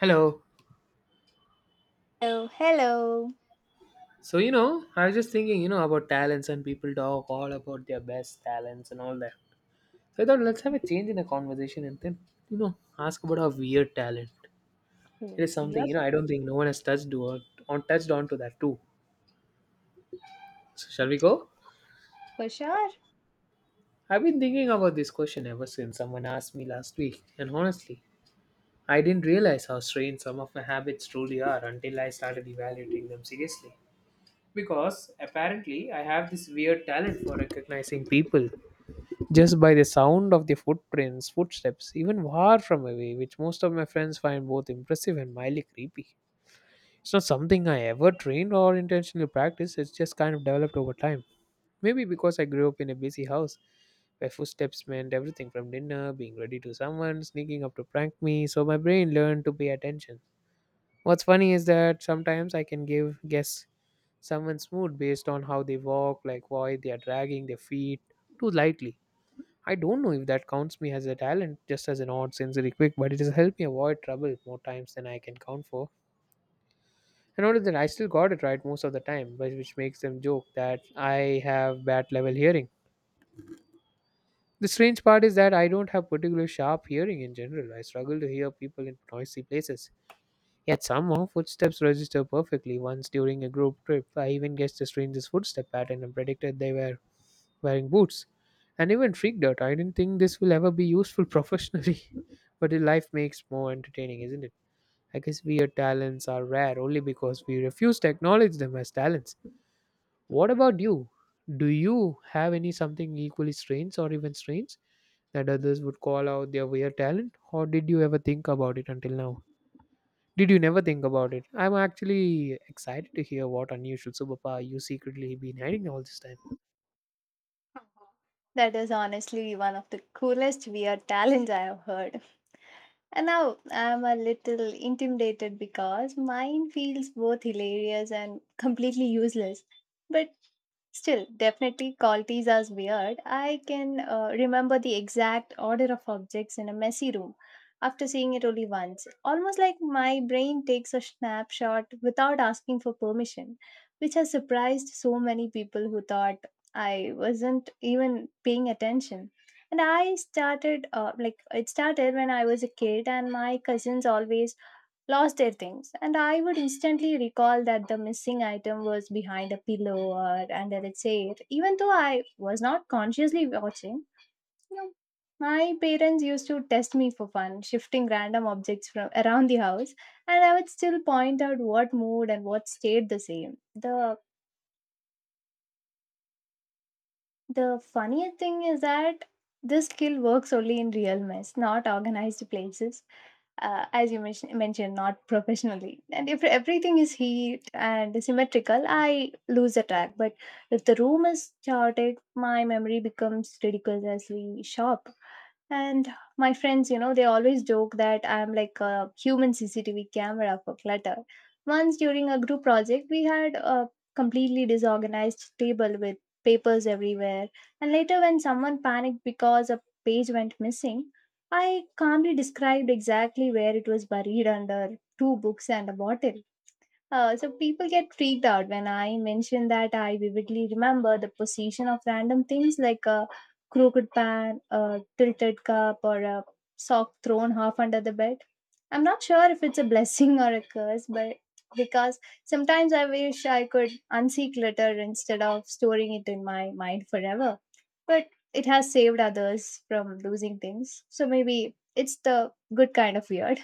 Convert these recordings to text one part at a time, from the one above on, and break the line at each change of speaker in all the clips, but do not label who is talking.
Hello.
Hello, hello.
So, I was just thinking, about talents and people talk all about their best talents and all that. So I thought let's have a change in the conversation and then, ask about our weird talent. It
Oh,
is something,
yes,
I don't think no one has touched or touched on to that too. So shall we go?
for sure.
I've been thinking about this question ever since someone asked me last week, and honestly, I didn't realize how strange some of my habits truly are until I started evaluating them seriously. Because apparently, I have this weird talent for recognizing people just by the sound of the footprints, footsteps, even far from away, which most of my friends find both impressive and mildly creepy. It's not something I ever trained or intentionally practiced, it's just kind of developed over time. Maybe because I grew up in a busy house where footsteps meant everything from dinner, being ready to someone, sneaking up to prank me, so my brain learned to pay attention. What's funny is that sometimes I can give guess someone's mood based on how they walk, like why they are dragging their feet too lightly. I don't know if that counts me as a talent, just as an odd sensory quick, but it has helped me avoid trouble more times than I can count for. And notice that I still got it right most of the time, which makes them joke that I have bad level hearing. The strange part is that I don't have particular sharp hearing in general. I struggle to hear people in noisy places. Yet somehow footsteps register perfectly. Once during a group trip, I even guessed the stranger's footstep pattern and predicted they were wearing boots, and even freaked out. I didn't think this will ever be useful professionally, but the life makes more entertaining, isn't it? I guess weird talents are rare only because we refuse to acknowledge them as talents. What about you? Do you have any something equally strange or even strange that others would call out their weird talent, or did you ever think about it until now? Did you never think about it? I'm actually excited to hear what unusual superpower you secretly been hiding all this time.
That is honestly one of the coolest weird talents I have heard. And now I'm a little intimidated because mine feels both hilarious and completely useless. But Still, definitely call as weird. I can remember the exact order of objects in a messy room after seeing it only once. Almost like my brain takes a snapshot without asking for permission, which has surprised so many people who thought I wasn't even paying attention. And I started, like, it started when I was a kid, and my cousins always lost their things, and I would instantly recall that the missing item was behind a pillow or under a chair, even though I was not consciously watching, you know. My parents used to test me for fun, shifting random objects from around the house, and I would still point out what moved and what stayed the same. The funniest thing is that this skill works only in real mess, not organized places. As you mentioned, not professionally. And if everything is heat and symmetrical, I lose the track. But if the room is chaotic, my memory becomes ridiculously sharp. And my friends, you know, they always joke that I'm like a human CCTV camera for clutter. Once during a group project, we had a completely disorganized table with papers everywhere. And later, when someone panicked because a page went missing, I calmly described exactly where it was buried under two books and a bottle. So people get freaked out when I mention that I vividly remember the position of random things like a crooked pan, a tilted cup, or a sock thrown half under the bed. I'm not sure if it's a blessing or a curse, but because sometimes I wish I could unsee clutter instead of storing it in my mind forever. But it has saved others from losing things, so maybe it's the good kind of weird.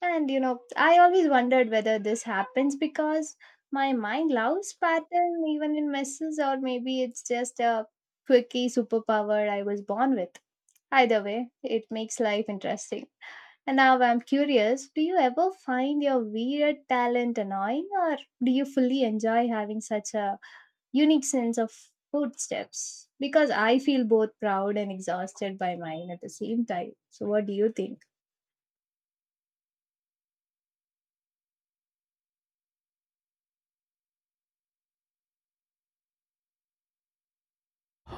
And you know, I always wondered whether this happens because my mind loves pattern even in messes, or maybe it's just a quirky superpower I was born with. Either way, it makes life interesting. And now I'm curious, do you ever find your weird talent annoying, or do you fully enjoy having such a unique sense of footsteps? Because I feel both proud and exhausted by mine at the same time. So, what do you think?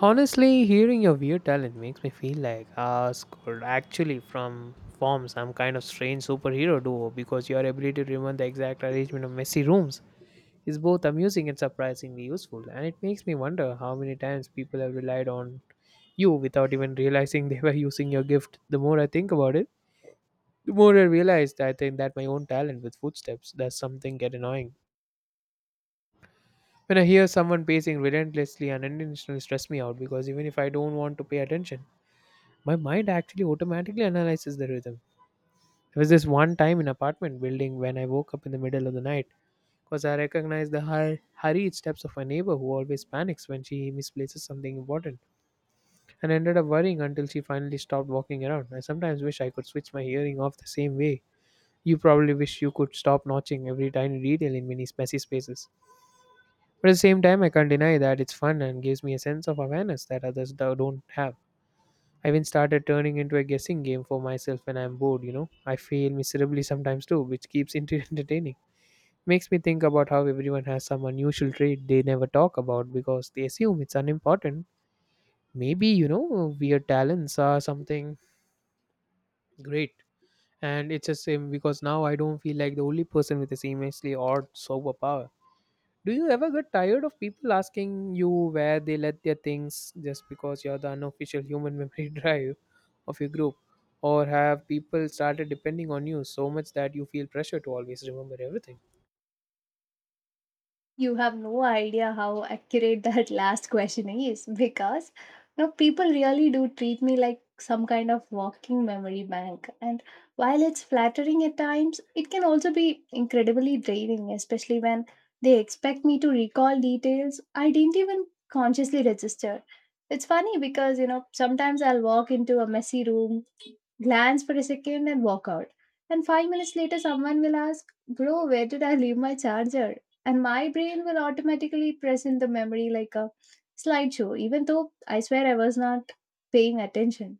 Honestly, hearing your weird talent makes me feel like Ask could actually from form some kind of strange superhero duo because your ability to remember the exact arrangement of messy rooms is both amusing and surprisingly useful, and it makes me wonder how many times people have relied on you without even realizing they were using your gift. The more I think about it, the more I realize that I think that my own talent with footsteps does something get annoying. When I hear someone pacing relentlessly and unintentionally stress me out because even if I don't want to pay attention, my mind actually automatically analyzes the rhythm. There was this one time in apartment building when I woke up in the middle of the night because I recognized the hurried steps of my neighbor who always panics when she misplaces something important and ended up worrying until she finally stopped walking around. I sometimes wish I could switch my hearing off the same way. You probably wish you could stop notching every tiny detail in many messy spaces. But at the same time, I can't deny that it's fun and gives me a sense of awareness that others don't have. I even started turning into a guessing game for myself when I'm bored. I fail miserably sometimes too, which keeps it entertaining. Makes me think about how everyone has some unusual trait they never talk about because they assume it's unimportant. Maybe, weird talents are something great. And it's the same because now I don't feel like the only person with this immensely odd superpower. Do you ever get tired of people asking you where they let their things just because you're the unofficial human memory drive of your group? Or have people started depending on you so much that you feel pressure to always remember everything?
You have no idea how accurate that last question is, because you know, people really do treat me like some kind of walking memory bank. And while it's flattering at times, it can also be incredibly draining, especially when they expect me to recall details I didn't even consciously register. It's funny because, you know, sometimes I'll walk into a messy room, glance for a second, and walk out. And five minutes later, someone will ask, "Bro, where did I leave my charger?" And my brain will automatically present the memory like a slideshow, even though I swear I was not paying attention.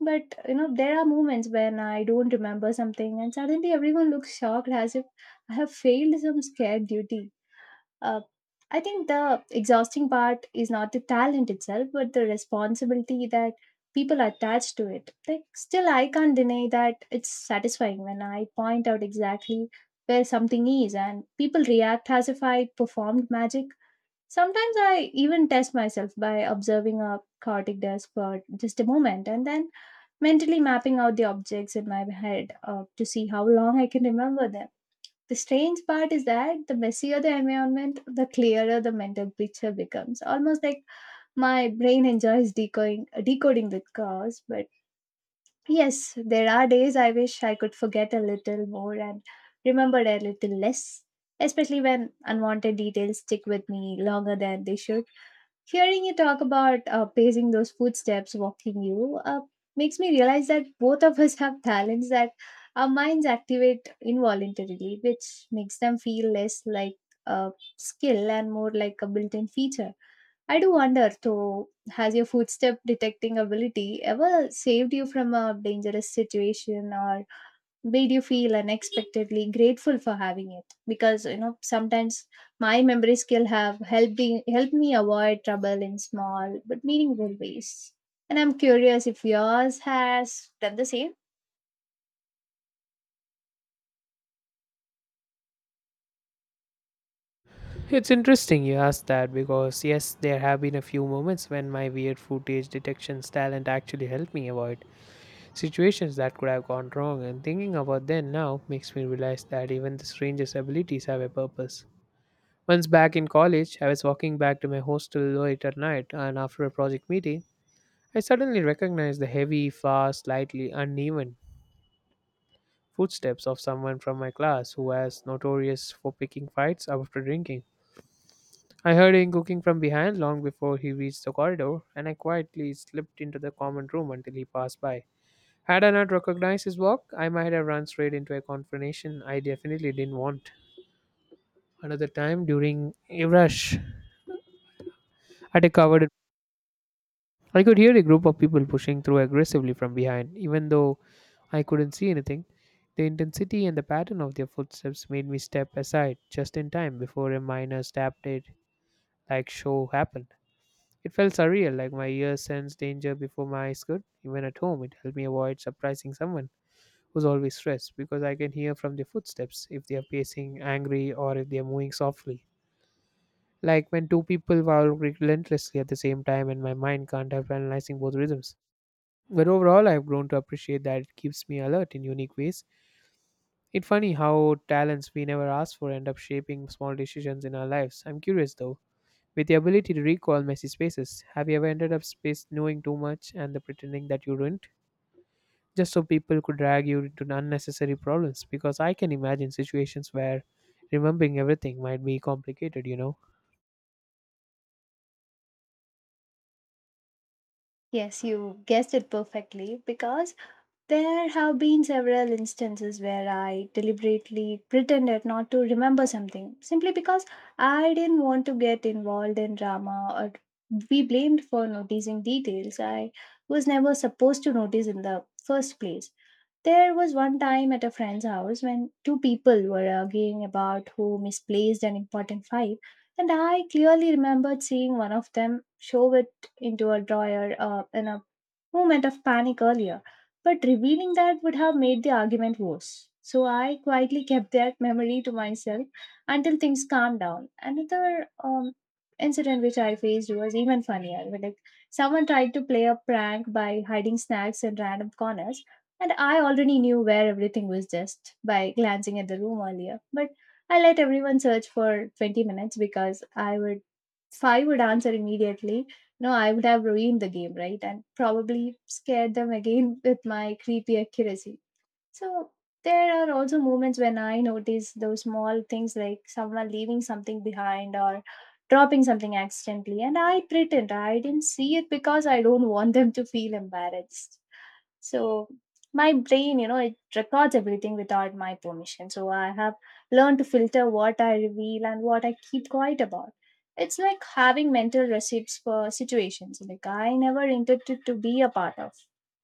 But you know, there are moments when I don't remember something and suddenly everyone looks shocked as if I have failed some scared duty. uh, I think the exhausting part is not the talent itself, but the responsibility that people attach to it. Like, still, I can't deny that it's satisfying when I point out exactly where something is and people react as if I performed magic. Sometimes I even test myself by observing a chaotic desk for just a moment and then mentally mapping out the objects in my head, to see how long I can remember them. The strange part is that the messier the environment, the clearer the mental picture becomes. Almost like my brain enjoys decoding the cause. But yes, there are days I wish I could forget a little more and remember a little less, especially when unwanted details stick with me longer than they should. Hearing you talk about pacing those footsteps walking you makes me realize that both of us have talents that our minds activate involuntarily, which makes them feel less like a skill and more like a built in feature. I do wonder, though, has your footstep detecting ability ever saved you from a dangerous situation or made you feel unexpectedly grateful for having it? Because you know, sometimes my memory skill have helping helped me avoid trouble in small but meaningful ways, and I'm curious if yours has done the same.
It's interesting you asked that because, yes, there have been a few moments when my weird footage detections talent actually helped me avoid situations that could have gone wrong, and thinking about them now makes me realize that even the strangest abilities have a purpose. Once back in college, I was walking back to my hostel late at night, and after a project meeting, I suddenly recognized the heavy, fast, slightly uneven footsteps of someone from my class who was notorious for picking fights after drinking. I heard him cooking from behind long before he reached the corridor, and I quietly slipped into the common room until he passed by. Had I not recognized his walk, I might have run straight into a confrontation I definitely didn't want. Another time during a rush at a covered, I could hear a group of people pushing through aggressively from behind, even though I couldn't see anything. The intensity and the pattern of their footsteps made me step aside just in time before a minor stab did, like show happened. It felt surreal, like my ears sensed danger before my eyes could. Even at home, it helped me avoid surprising someone who's always stressed because I can hear from their footsteps if they are pacing angry or if they are moving softly. Like when two people walk relentlessly at the same time, and my mind can't help analyzing both rhythms. But overall, I've grown to appreciate that it keeps me alert in unique ways. It's funny how talents we never asked for end up shaping small decisions in our lives. I'm curious though, with the ability to recall messy spaces, have you ever ended up space knowing too much and the pretending that you didn't? Just so people could drag you into unnecessary problems, Because I can imagine situations where remembering everything might be complicated. You know.
Yes, you guessed it perfectly, because there have been several instances where I deliberately pretended not to remember something simply because I didn't want to get involved in drama or be blamed for noticing details I was never supposed to notice in the first place. There was one time at a friend's house when two people were arguing about who misplaced an important file, and I clearly remembered seeing one of them shove it into a drawer in a moment of panic earlier, but revealing that would have made the argument worse. So I quietly kept that memory to myself until things calmed down. Another incident which I faced was even funnier, where someone tried to play a prank by hiding snacks in random corners, and I already knew where everything was just by glancing at the room earlier. But I let everyone search for 20 minutes, because I would five would answer immediately, no, I would have ruined the game, right? And probably scared them again with my creepy accuracy. So there are also moments when I notice those small things like someone leaving something behind or dropping something accidentally, and I pretend I didn't see it because I don't want them to feel embarrassed. So my brain, you know, it records everything without my permission. So I have learned to filter what I reveal and what I keep quiet about. It's like having mental receipts for situations like I never intended to be a part of.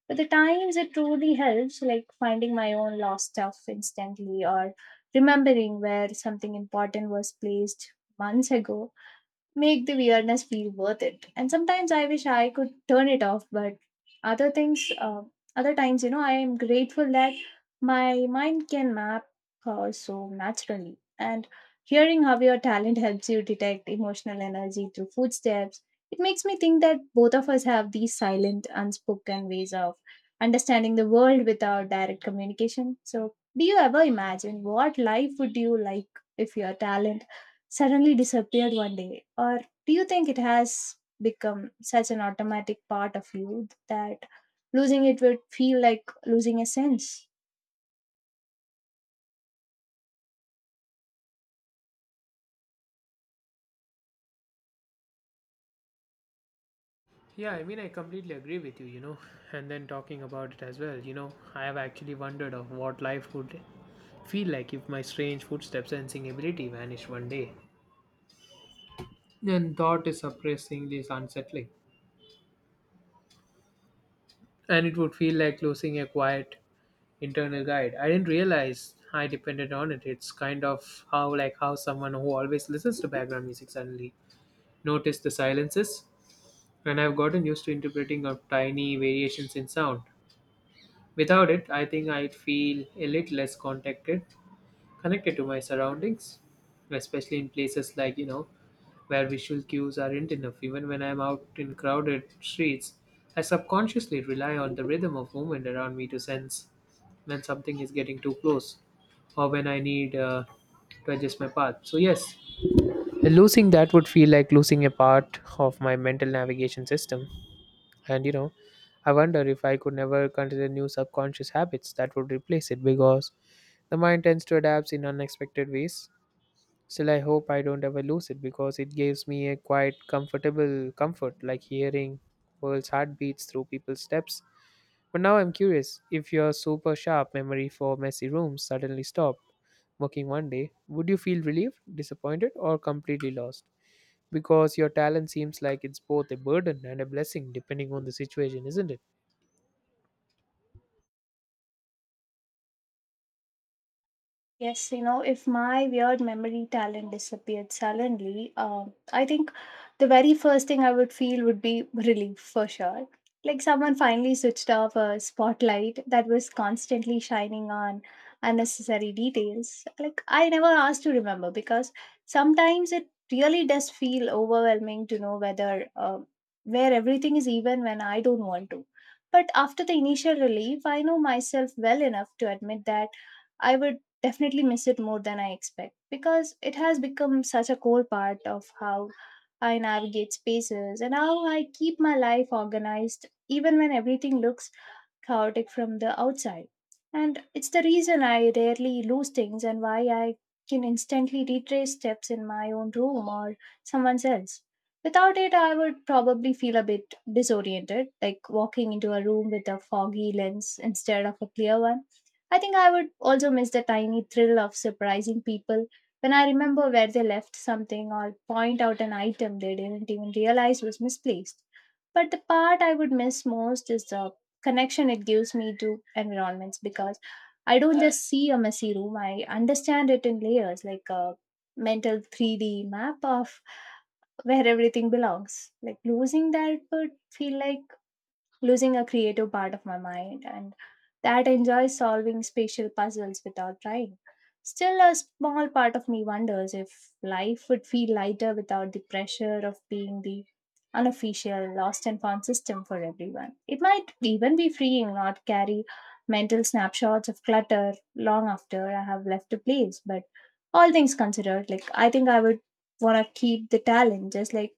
But the times it truly helps, like finding my own lost stuff instantly or remembering where something important was placed months ago, make the weirdness feel worth it. And sometimes I wish I could turn it off, but other things, uh, other times, you know, I am grateful that my mind can map so naturally. And hearing how your talent helps you detect emotional energy through footsteps, it makes me think that both of us have these silent, unspoken ways of understanding the world without direct communication. So, do you ever imagine what life would you like if your talent suddenly disappeared one day? Or do you think it has become such an automatic part of you that losing it would feel like losing a sense?
Yeah, I mean, I completely agree with you, you know. And then talking about it as well, I have actually wondered of what life would feel like if my strange footsteps and singing ability vanished one day, and thought is surprisingly unsettling. And it would feel like losing a quiet internal guide. I didn't realize I depended on it. It's kind of how like how someone who always listens to background music suddenly noticed the silences. And I've gotten used to interpreting of tiny variations in sound. Without it, I think I'd feel a little less connected to my surroundings, especially in places like where visual cues aren't enough. Even when I'm out in crowded streets, I subconsciously rely on the rhythm of movement around me to sense when something is getting too close or when I need to adjust my path. So, yes, losing that would feel like losing a part of my mental navigation system. And I wonder if I could never consider new subconscious habits that would replace it because the mind tends to adapt in unexpected ways. Still, I hope I don't ever lose it because it gives me a quite comfortable comfort, like hearing world's heartbeats through people's steps. But now I'm curious, if your super sharp memory for messy rooms suddenly stopped working one day, would you feel relieved, disappointed, or completely lost? Because your talent seems like it's both a burden and a blessing depending on the situation, isn't it?
Yes, you know, if my weird memory talent disappeared suddenly, I think the very first thing I would feel would be relief, for sure. Like someone finally switched off a spotlight that was constantly shining on unnecessary details. Like I never asked to remember, because sometimes it really does feel overwhelming to know whether where everything is even when I don't want to. But after the initial relief, I know myself well enough to admit that I would definitely miss it more than I expect, because it has become such a core part of how I navigate spaces and how I keep my life organized, even when everything looks chaotic from the outside. And it's the reason I rarely lose things, and why I can instantly retrace steps in my own room or someone else. Without it, I would probably feel a bit disoriented, like walking into a room with a foggy lens instead of a clear one. I think I would also miss the tiny thrill of surprising people when I remember where they left something or point out an item they didn't even realize was misplaced. But the part I would miss most is the connection it gives me to environments, because I don't just see a messy room, I understand it in layers like a mental 3D map of where everything belongs. Like losing that would feel like losing a creative part of my mind and that enjoys solving spatial puzzles without trying. Still, a small part of me wonders if life would feel lighter without the pressure of being the unofficial lost and found system for everyone. It might even be freeing not to carry mental snapshots of clutter long after I have left a place. But all things considered, like I think I would want to keep the talent, just like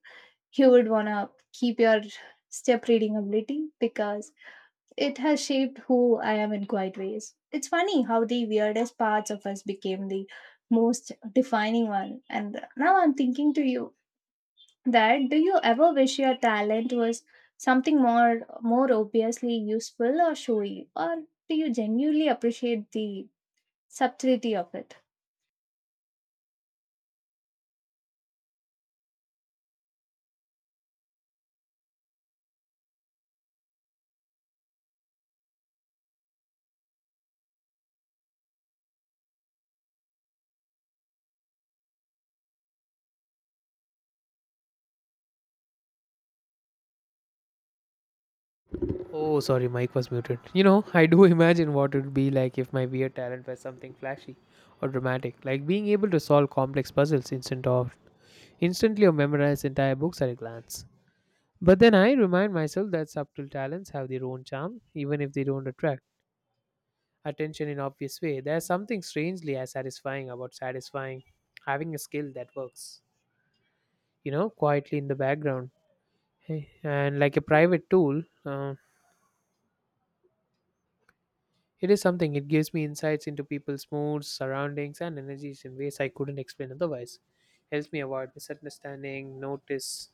you would want to keep your step reading ability, because it has shaped who I am in quite ways. It's funny how the weirdest parts of us became the most defining one. And now I'm thinking to you that do you ever wish your talent was something more obviously useful or showy, or do you genuinely appreciate the subtlety of it?
Oh, sorry, mic was muted. I do imagine what it would be like if my weird talent was something flashy or dramatic, like being able to solve complex puzzles instantly or memorize entire books at a glance. But then I remind myself that subtle talents have their own charm, even if they don't attract attention in obvious way. There's something strangely as satisfying about satisfying having a skill that works, quietly in the background, hey, and like a private tool. It is something, it gives me insights into people's moods, surroundings, and energies in ways I couldn't explain otherwise. Helps me avoid misunderstanding, notice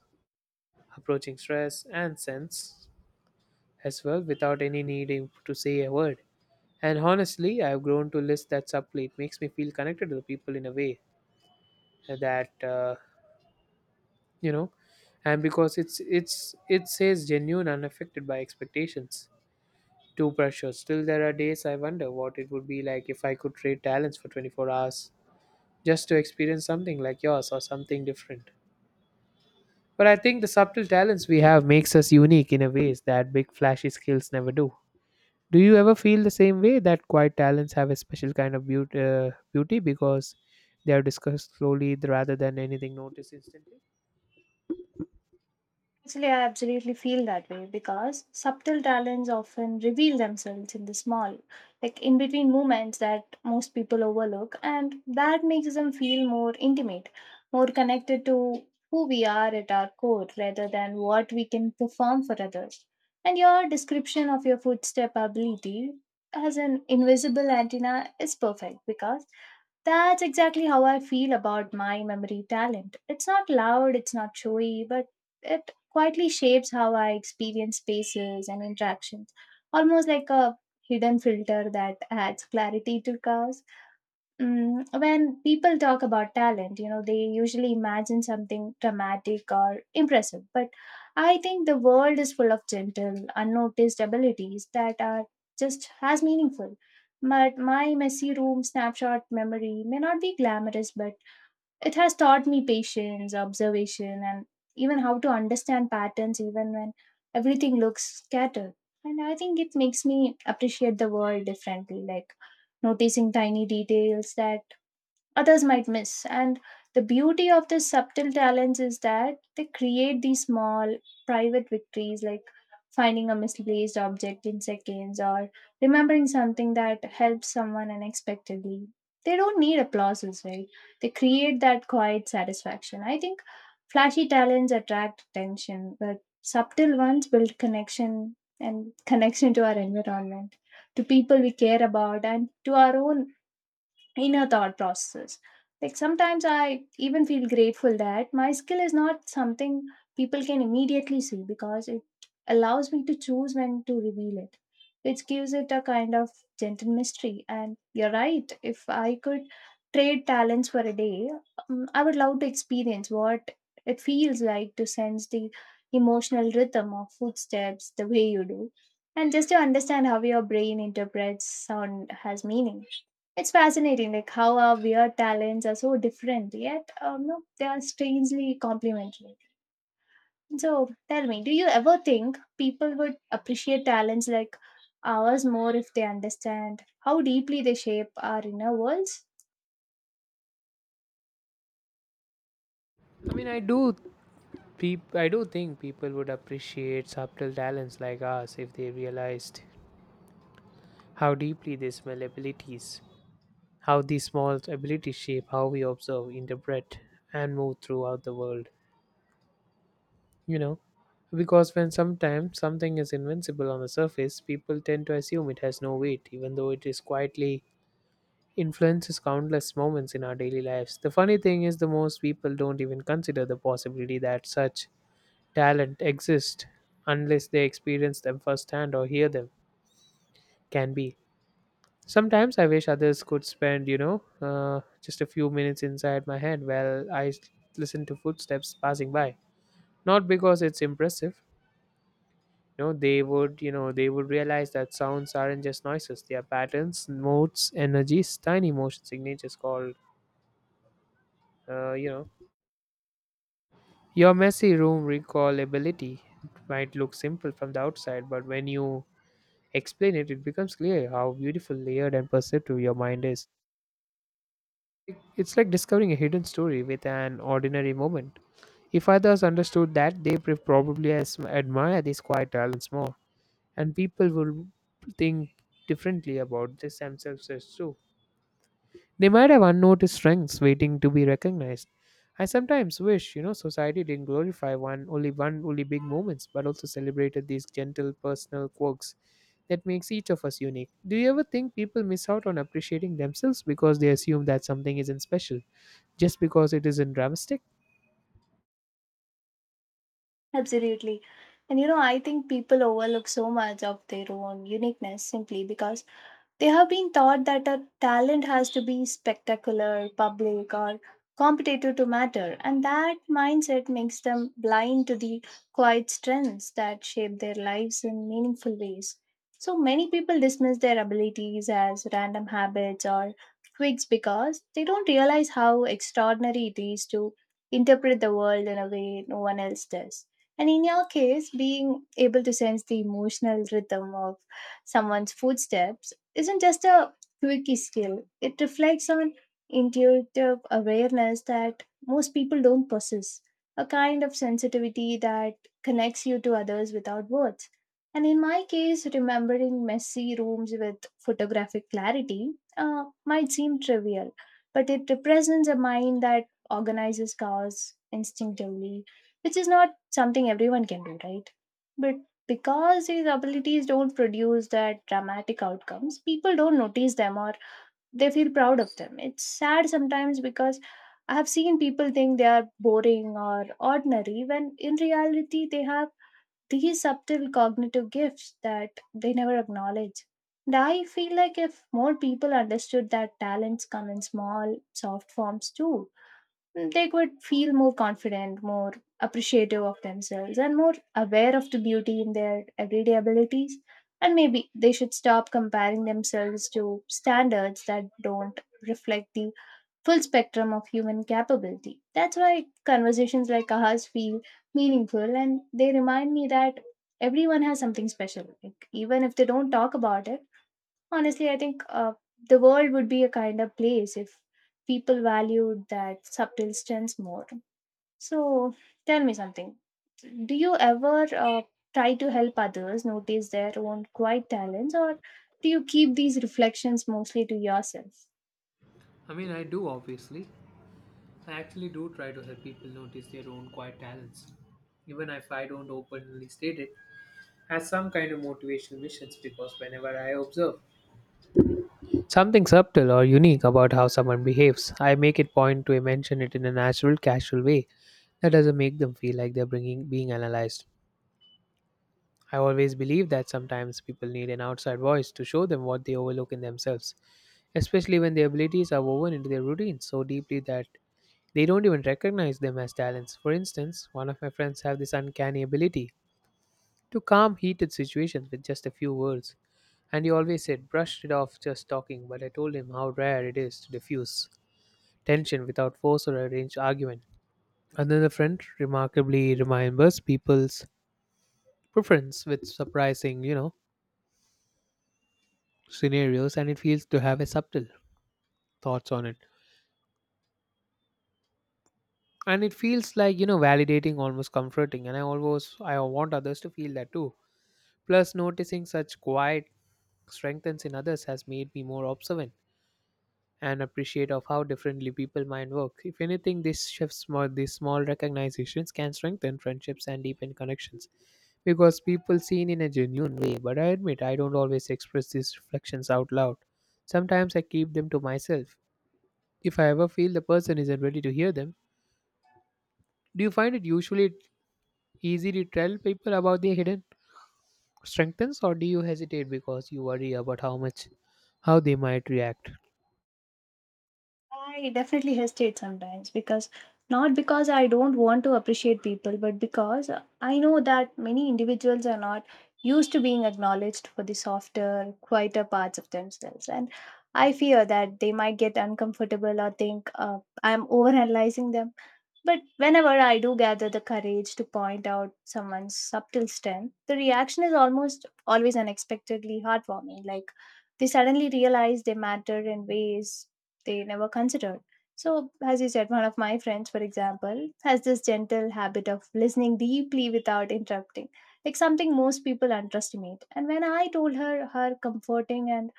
approaching stress, and sense as well without any needing to say a word. And honestly, I've grown to list that subtly. It makes me feel connected to the people in a way that, you know, and because it says genuine unaffected by expectations too precious. Still, there are days I wonder what it would be like if I could trade talents for 24 hours just to experience something like yours or something different. But I think the subtle talents we have makes us unique in a ways that big flashy skills never do. Do you ever feel the same way that quiet talents have a special kind of beauty, beauty because they are discussed slowly rather than anything noticed instantly?
Actually, I absolutely feel that way because subtle talents often reveal themselves in the small, like in between moments that most people overlook, and that makes them feel more intimate, more connected to who we are at our core rather than what we can perform for others. And your description of your footstep ability as an invisible antenna is perfect because that's exactly how I feel about my memory talent. It's not loud, it's not showy, but quietly shapes how I experience spaces and interactions, almost like a hidden filter that adds clarity to chaos. Mm, when people talk about talent, you know, they usually imagine something dramatic or impressive, but I think the world is full of gentle, unnoticed abilities that are just as meaningful. But my messy room snapshot memory may not be glamorous, but it has taught me patience, observation, and even how to understand patterns even when everything looks scattered. And I think it makes me appreciate the world differently, like noticing tiny details that others might miss. And the beauty of the subtle talents is that they create these small private victories, like finding a misplaced object in seconds or remembering something that helps someone unexpectedly. They don't need applauses, right? They create that quiet satisfaction. I think flashy talents attract attention, but subtle ones build connection, and connection to our environment, to people we care about, and to our own inner thought process. Like sometimes I even feel grateful that my skill is not something people can immediately see, because it allows me to choose when to reveal it, which gives it a kind of gentle mystery. And you're right, if I could trade talents for a day, I would love to experience what it feels like to sense the emotional rhythm of footsteps the way you do. And just to understand how your brain interprets sound has meaning. It's fascinating, like how our weird talents are so different, yet no, they are strangely complementary. So tell me, do you ever think people would appreciate talents like ours more if they understand how deeply they shape our inner worlds?
I mean, I do. I do think people would appreciate subtle talents like us if they realized how deeply they smell abilities, how these small abilities shape how we observe, interpret, and move throughout the world. You know, because when sometimes something is invincible on the surface, people tend to assume it has no weight, even though it is quietly influences countless moments in our daily lives. The funny thing is, the most people don't even consider the possibility that such talent exist unless they experience them firsthand or hear them can be. Sometimes I wish others could spend just a few minutes inside my head while listen to footsteps passing by, not because it's impressive. You know, they would realize that sounds aren't just noises, they are patterns, modes, energies, tiny motion signatures called uh, you know your messy room recallability might look simple from the outside, but when you explain it, it becomes clear how beautiful, layered, and perceptive your mind is. It- It's like discovering a hidden story with an ordinary moment. If others understood that, they probably admire these quiet talents more, and people will think differently about this themselves as too. They might have unnoticed strengths waiting to be recognized. I sometimes wish, society didn't glorify one only big moments, but also celebrated these gentle personal quirks that makes each of us unique. Do you ever think people miss out on appreciating themselves because they assume that something isn't special just because it isn't dramatic?
Absolutely. And you know, I think people overlook so much of their own uniqueness simply because they have been taught that a talent has to be spectacular, public, or competitive to matter, and that mindset makes them blind to the quiet strengths that shape their lives in meaningful ways. So many people dismiss their abilities as random habits or quirks because they don't realize how extraordinary it is to interpret the world in a way no one else does. And in your case, being able to sense the emotional rhythm of someone's footsteps isn't just a quirky skill, it reflects on intuitive awareness that most people don't possess, a kind of sensitivity that connects you to others without words. And in my case, remembering messy rooms with photographic clarity might seem trivial, but it represents a mind that organizes chaos instinctively, which is not something everyone can do, right? But because these abilities don't produce that dramatic outcomes, people don't notice them or they feel proud of them. It's sad sometimes, because I have seen people think they are boring or ordinary when in reality they have these subtle cognitive gifts that they never acknowledge. And I feel like if more people understood that talents come in small, soft forms too, they could feel more confident, more appreciative of themselves, and more aware of the beauty in their everyday abilities. And maybe they should stop comparing themselves to standards that don't reflect the full spectrum of human capability. That's why conversations like ours feel meaningful, and they remind me that everyone has something special, like, even if they don't talk about it. Honestly, I think the world would be a kind of place if people valued that subtle strengths more. So, tell me something. Do you ever try to help others notice their own quiet talents, or do you keep these reflections mostly to yourself?
I mean, I do obviously. I actually do try to help people notice their own quiet talents, even if I don't openly state it, as some kind of motivational missions, because whenever I observe something subtle or unique about how someone behaves, I make it point to mention it in a natural, casual way that doesn't make them feel like they're being analyzed. I always believe that sometimes people need an outside voice to show them what they overlook in themselves, especially when their abilities are woven into their routines so deeply that they don't even recognize them as talents. For instance, one of my friends have this uncanny ability to calm heated situations with just a few words. And he always brushed it off just talking, but I told him how rare it is to diffuse tension without force or arranged argument. Another friend remarkably remembers people's preference with surprising, scenarios, and it feels to have a subtle thoughts on it. And it feels like, validating, almost comforting. And I want others to feel that too. Plus, noticing such quiet strengthens in others has made me more observant and appreciate of how differently people mind work. If anything, these shifts, more these small recognitions can strengthen friendships and deepen connections because people seen in a genuine way. But I admit I don't always express these reflections out loud. Sometimes I keep them to myself if I ever feel the person isn't ready to hear them. Do you find it usually easy to tell people about their hidden strengths, or do you hesitate because you worry about how they might react?
I definitely hesitate sometimes, because not because I don't want to appreciate people, but because I know that many individuals are not used to being acknowledged for the softer, quieter parts of themselves. And I fear that they might get uncomfortable or think I'm overanalyzing them. But whenever I do gather the courage to point out someone's subtle strength, the reaction is almost always unexpectedly heartwarming. Like they suddenly realize they matter in ways they never considered. So, as you said, one of my friends, for example, has this gentle habit of listening deeply without interrupting, like something most people underestimate. And when I told her her comforting and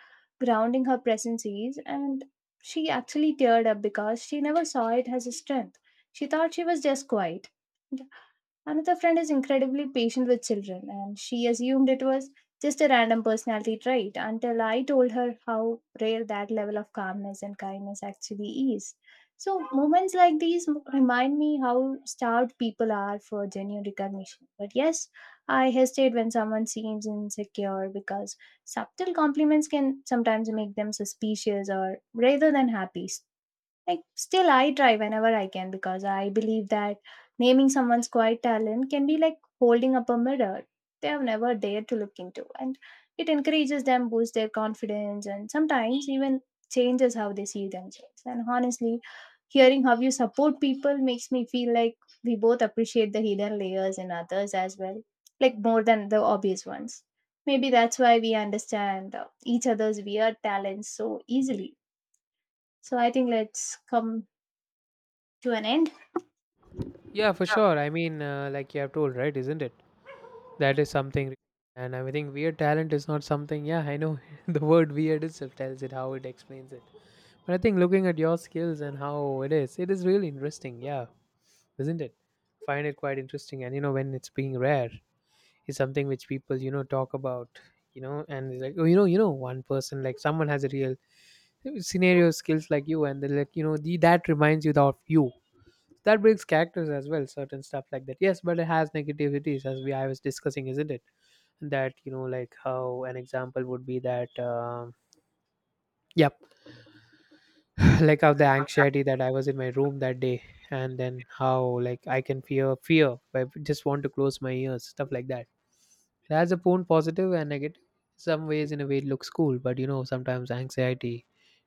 grounding her presence is, and she actually teared up because she never saw it as a strength. She thought she was just quiet. And another friend is incredibly patient with children, and she assumed it was just a random personality trait until I told her how rare that level of calmness and kindness actually is. So, moments like these remind me how starved people are for genuine recognition. But yes, I hesitate when someone seems insecure, because subtle compliments can sometimes make them suspicious or rather than happy. Like, still, I try whenever I can because I believe that naming someone's quiet talent can be like holding up a mirror they have never dared to look into, and it encourages them, boosts their confidence, and sometimes even changes how they see themselves. And honestly, hearing how you support people makes me feel like we both appreciate the hidden layers in others as well, like more than the obvious ones. Maybe that's why we understand each other's weird talents so easily. So I think let's come to an end?
Yeah, for sure. I mean, like you have told, right? Isn't it? That is something. And I think weird talent is not something. Yeah, I know the word weird itself tells it, how it explains it. But I think looking at your skills and how it is really interesting. Yeah, isn't it? Find it quite interesting. And you know, when it's being rare, is something which people talk about. You know, and it's like, oh, one person like someone has a real scenario skills like you, and they're like, that reminds you of you, that brings characters as well, certain stuff like that. Yes, but it has negativities as we I was discussing, isn't it? That, you know, like how an example would be that yep like how the anxiety that I was in my room that day, and then how like I can fear, I just want to close my ears, stuff like that. It has a own positive and negative some ways. In a way it looks cool, but you know sometimes anxiety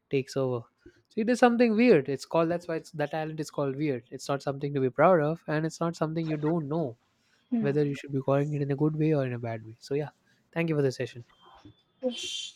takes over. So it is something weird, it's called, that's why it's that talent is called weird. It's not something to be proud of, and it's not something you don't know whether you
Hmm.
should be calling it in a good way or in a bad way. So, yeah, thank you for the session.
Yes.